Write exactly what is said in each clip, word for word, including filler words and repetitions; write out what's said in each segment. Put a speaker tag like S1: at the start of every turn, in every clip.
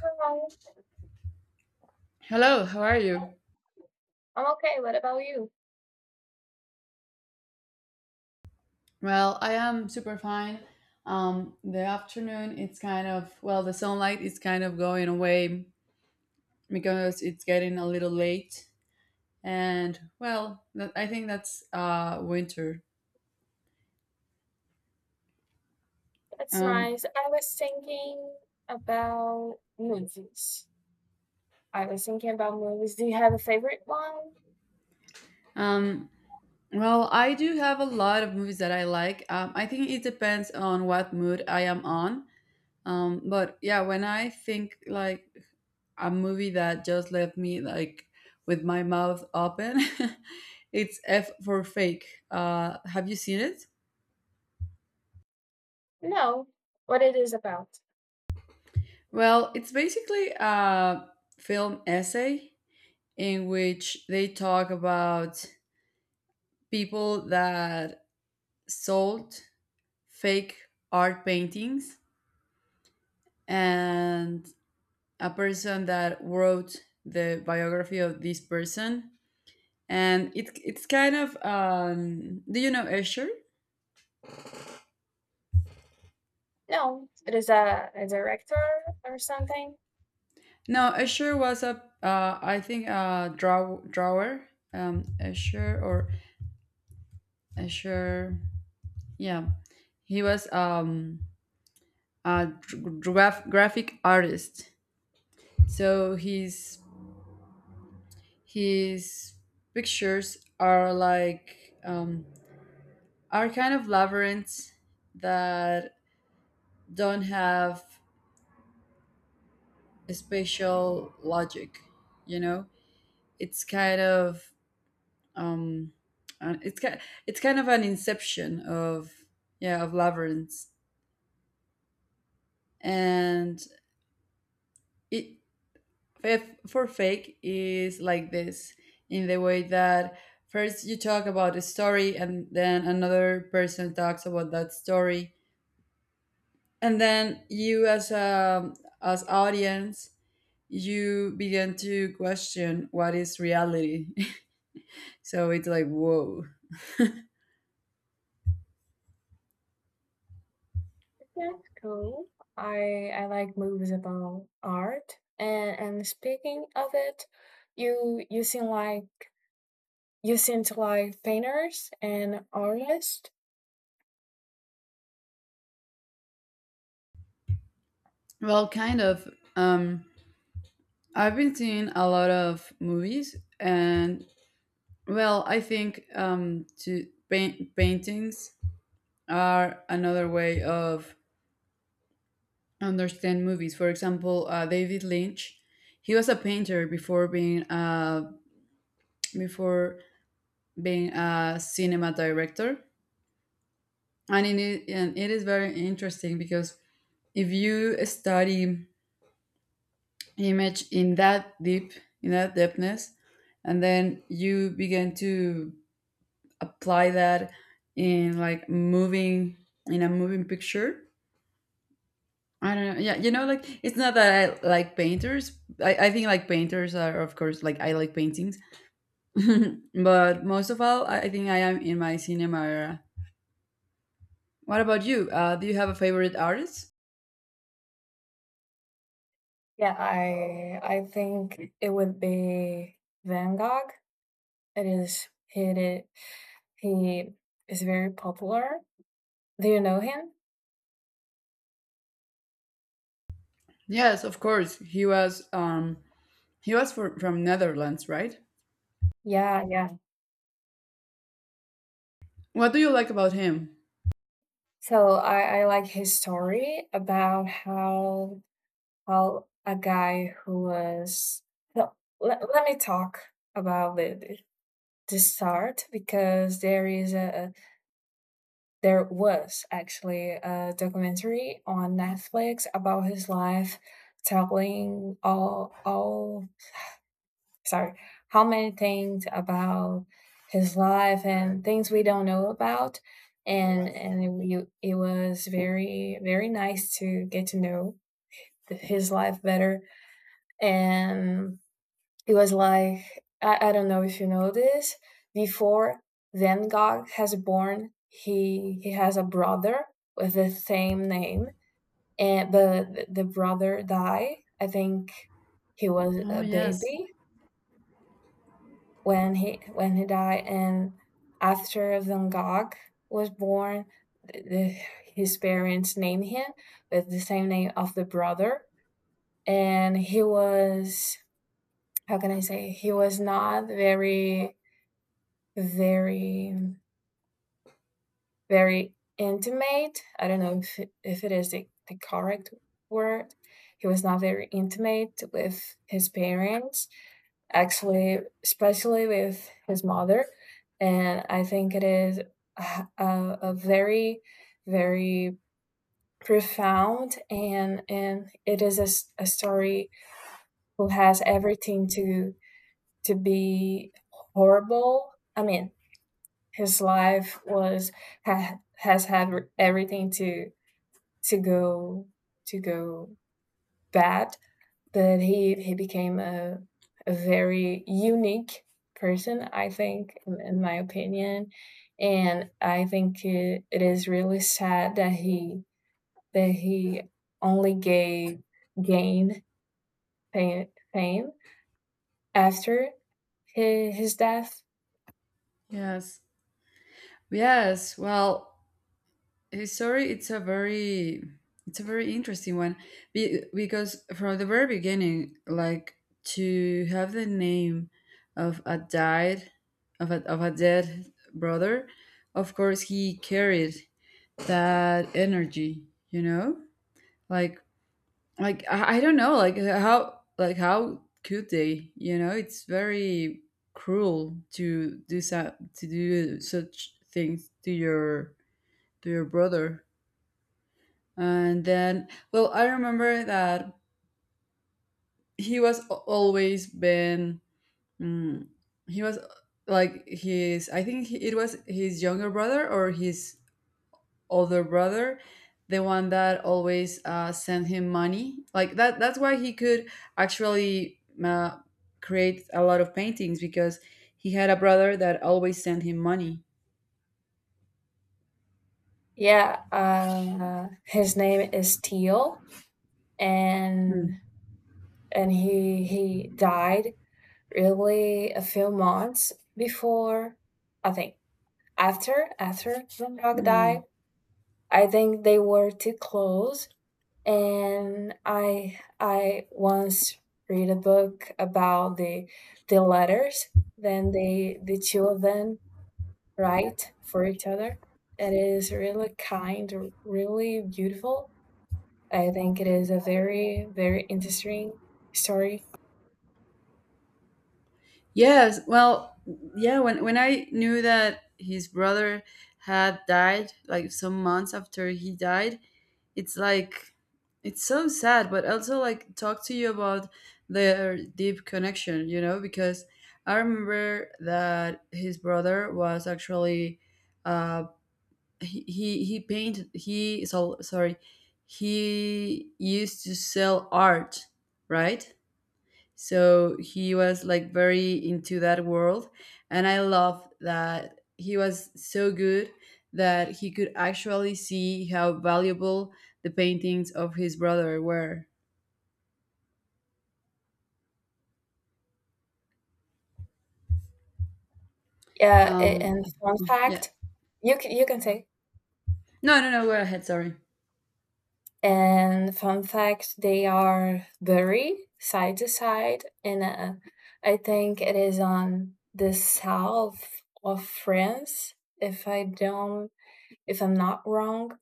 S1: Hello.
S2: Hello, how are you?
S1: I'm okay. What about you?
S2: Well, I am super fine. Um, the afternoon, it's kind of, well, the sunlight is kind of going away because it's getting a little late. And, well, that, I think that's uh, winter.
S1: That's
S2: Um,
S1: nice. I was thinking about movies. I was thinking about movies. Do you have a favorite one?
S2: um, well, I do have a lot of movies that I like. Um, I think it depends on what mood I am on. Um, but yeah, when I think like a movie that just left me like with my mouth open, it's F for Fake. Uh, have you seen it?
S1: No. What it is about?
S2: Well, it's basically a film essay in which they talk about people that sold fake art paintings and a person that wrote the biography of this person and it it's kind of um do you know Usher?
S1: No. It is a, a director or something.
S2: No, Usher was a uh I think a draw drawer. Um Usher or Usher, yeah. He was um a dr- graph, graphic artist. So his his pictures are like um are kind of labyrinths that don't have a spatial logic, you know? It's kind of um and it's kind. It's kind of an inception of, yeah, of labyrinth and it, if for fake is like this in the way that first you talk about a story and then another person talks about that story and then you as a as audience you begin to question what is reality. So it's like whoa.
S1: That's cool. I I like movies about art. And and speaking of it, you you seem like you seem to like painters and artists.
S2: Well, kind of. um I've been seeing a lot of movies, and well, I think um, to paint paintings are another way of understand movies. For example, uh, David Lynch, he was a painter before being uh, before being a cinema director, and it is, and it is very interesting because if you study image in that deep, in that depthness, and then you begin to apply that in like moving in a moving picture. I don't know. Yeah, you know, like it's not that I like painters. I, I think like painters are of course, like I like paintings, but most of all, I I think I am in my cinema era. What about you? Uh, do you have a favorite artist?
S1: Yeah, I I think it would be Van Gogh. It is he did, he is very popular. Do you know him?
S2: Yes, of course. He was um he was for, from Netherlands, right?
S1: Yeah, yeah.
S2: What do you like about him?
S1: So I, I like his story about how, well, a guy who was no. Let, let me talk about the, the the start because there is a there was actually a documentary on Netflix about his life, telling all all sorry how many things about his life and things we don't know about, and and it, we- it was very very nice to get to know his life better, and it was like I, I don't know if you know this before Van Gogh has born, he he has a brother with the same name. And but the brother died, I think he was
S2: Oh
S1: a
S2: yes,
S1: baby when he when he died. And after Van Gogh was born, the, his parents named him with the same name of the brother. And he was, how can I say, he was not very very, very intimate. I don't know if it, if it is the, the correct word. He was not very intimate with his parents, actually, especially with his mother. And I think it is a, a very, very profound and and it is a a story who has everything to to be horrible. I mean, his life was ha, has had everything to to go to go bad, but he he became a a very unique person, I think, in my opinion, and I think it, it is really sad that he that he only gave gained fame after his, his death.
S2: yes, yes. Well, Uh, Sorry, it's a very it's a very interesting one. Be- because from the very beginning, like to have the name of a died of a of a dead brother, of course he carried that energy, you know, like like I, I don't know, like how like how could they, you know? It's very cruel to do so, to do such things to your to your brother. And then, well, I remember that he was a- always been, mm, he was uh, like his, I think he, it was his younger brother or his older brother, the one that always uh, sent him money. Like that, that's why he could actually uh, create a lot of paintings because he had a brother that always sent him money.
S1: Yeah, uh, his name is Teal,
S2: Mm.
S1: and and he he died really a few months before, I think, after after Dog died.
S2: Mm.
S1: I think they were too close, and i i once read a book about the the letters then they the two of them write for each other. It is really kind, really beautiful. I think it is a very very interesting story.
S2: Yes, well, yeah, when when I knew that his brother had died like some months after he died, it's like it's so sad, but also like talk to you about their deep connection, you know, because I remember that his brother was actually uh he he, he painted he so sorry, he used to sell art, right? So he was like very into that world. And I love that he was so good that he could actually see how valuable the paintings of his brother were.
S1: Yeah, a-
S2: Um,
S1: and fun
S2: yeah.
S1: fact, you can you can say.
S2: No, no, no, go ahead. Sorry.
S1: And fun fact, they are buried side to side in a, I think it is on the south of France, if I don't, if I'm not wrong.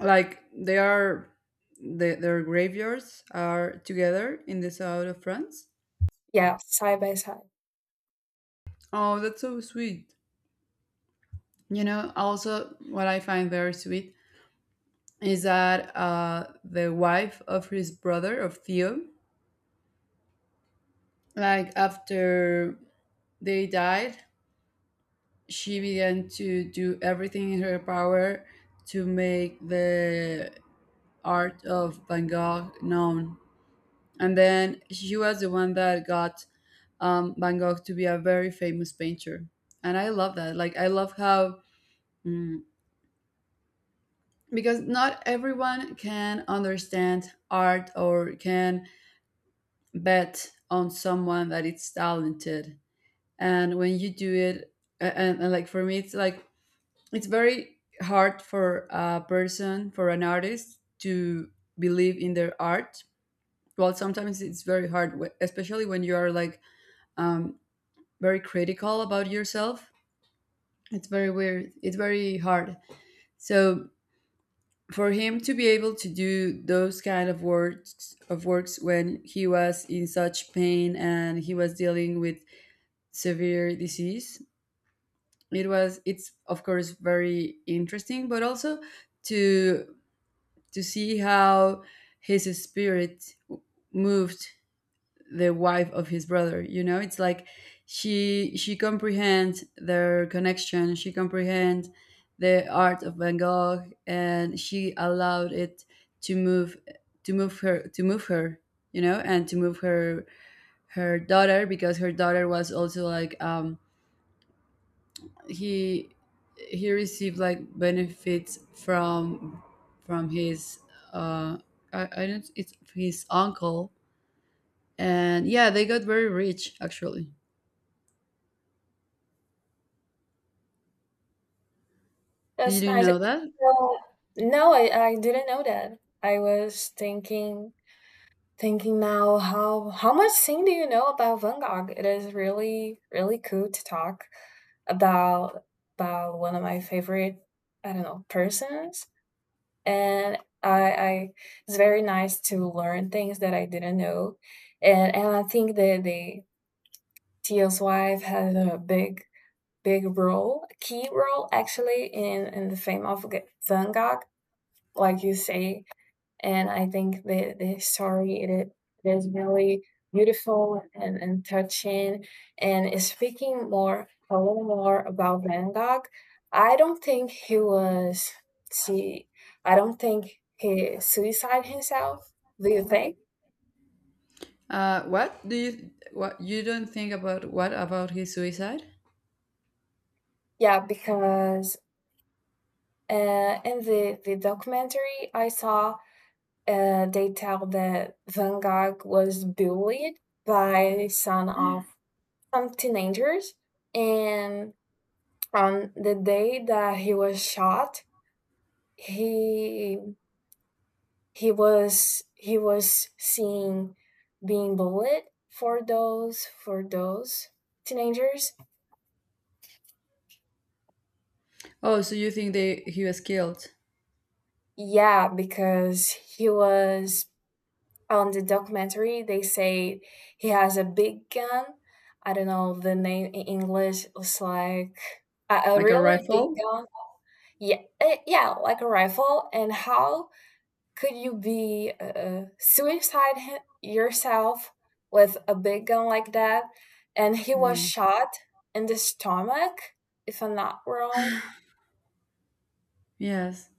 S2: Like they are, the, their graveyards are together in the south of France.
S1: Yeah, side by side.
S2: Oh, that's so sweet. You know, also what I find very sweet is that uh, the wife of his brother, of Theo, like after they died, she began to do everything in her power to make the art of van gogh known, and then she was the one that got um, van gogh to be a very famous painter. And I love that, like I love how, mm, because not everyone can understand art or can bet on someone that it's talented. And when you do it, a- and, and like for me it's like it's very hard for a person, for an artist to believe in their art. Well, sometimes it's very hard, wh- especially when you are like um, very critical about yourself. It's very weird, it's very hard. So for him to be able to do those kind of works of works when he was in such pain and he was dealing with severe disease, it was, it's of course very interesting, but also to to see how his spirit moved the wife of his brother, you know, it's like she she comprehends their connection, she comprehends the art of van gogh, and she allowed it to move, to move her, to move her, you know, and to move her, her daughter, because her daughter was also like um he he received like benefits from from his, uh I, I don't, it's his uncle. And yeah, they got very rich, actually. Did
S1: That's
S2: you
S1: nice.
S2: know that?
S1: No, no, I, I didn't know that. I was thinking, thinking now, how how much thing do you know about Van Gogh? It is really, really cool to talk about about one of my favorite, I don't know, persons. And I, I it's very nice to learn things that I didn't know. And and I think that the Tio's wife has a big, big role, key role actually in in the fame of G- Van Gogh, like you say, and I think the the story it, it is really beautiful and, and touching. And speaking more a little more about Van Gogh, I don't think he was see. I don't think he suicide himself. Do you think?
S2: Uh what do you, what you don't think about, what about his suicide?
S1: Yeah, because uh, in the the documentary I saw, uh, they tell that Van Gogh was bullied by the son of some teenagers, and on the day that he was shot, he he was he was seen being bullied for those for those teenagers.
S2: Oh, so you think they he was killed.
S1: Yeah, because he was on the documentary. They say he has a big gun. I don't know the name in English. It's like a, a
S2: Like a
S1: really big
S2: rifle.
S1: gun. Yeah, eh, yeah, like a rifle. And how could you be uh, suicide yourself with a big gun like that? And he was
S2: Yeah.
S1: shot in the stomach, if I'm not wrong.
S2: Yes.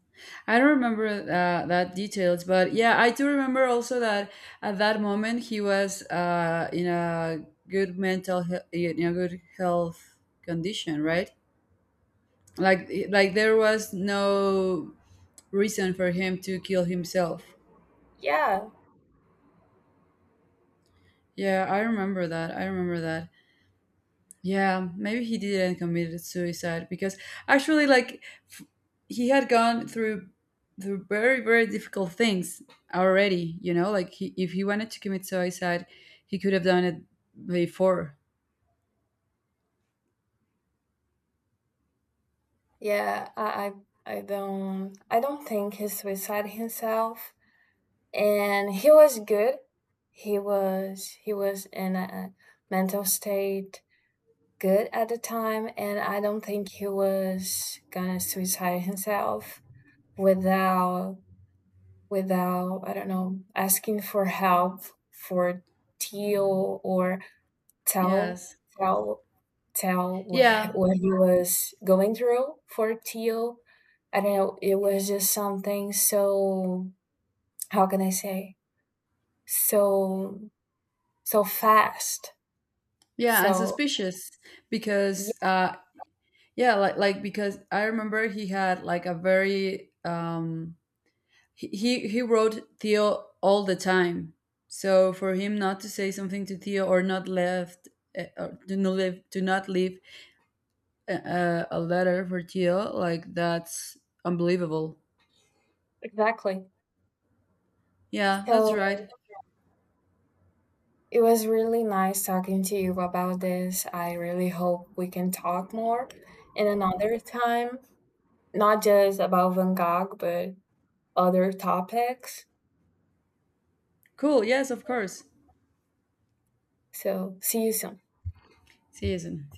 S2: I don't remember uh, that details, but yeah, I do remember also that at that moment he was uh, in a good mental, he- in a good health condition, right? Like, like there was no reason for him to kill himself.
S1: Yeah,
S2: Yeah, I remember that. I remember that. Yeah, maybe he didn't committed suicide because actually, like, f- he had gone through through very very difficult things already. You know, like he, if he wanted to commit suicide, he could have done it before.
S1: yeah. I, I, I don't, I don't think he suicided himself. And he was good. He was, he was in a mental state good at the time, and I don't think he was gonna suicide himself without without, I don't know, asking for help for Tio or tell
S2: Yes.
S1: tell tell what,
S2: Yeah.
S1: what he was going through for Tio. I don't know, it was just something so, how can I say? So so fast.
S2: Yeah, and
S1: So
S2: suspicious, because
S1: yeah,
S2: uh, yeah, like like because I remember he had like a very um He, he he wrote Theo all the time. So for him not to say something to Theo or not left uh, or to not leave to not leave a, a letter for Theo, like that's unbelievable.
S1: exactly.
S2: Yeah, that's
S1: So
S2: right.
S1: it was really nice talking to you about this. I really hope we can talk more in another time, not just about Van Gogh, but other topics.
S2: Cool. Yes, of course.
S1: So see you soon.
S2: See you soon.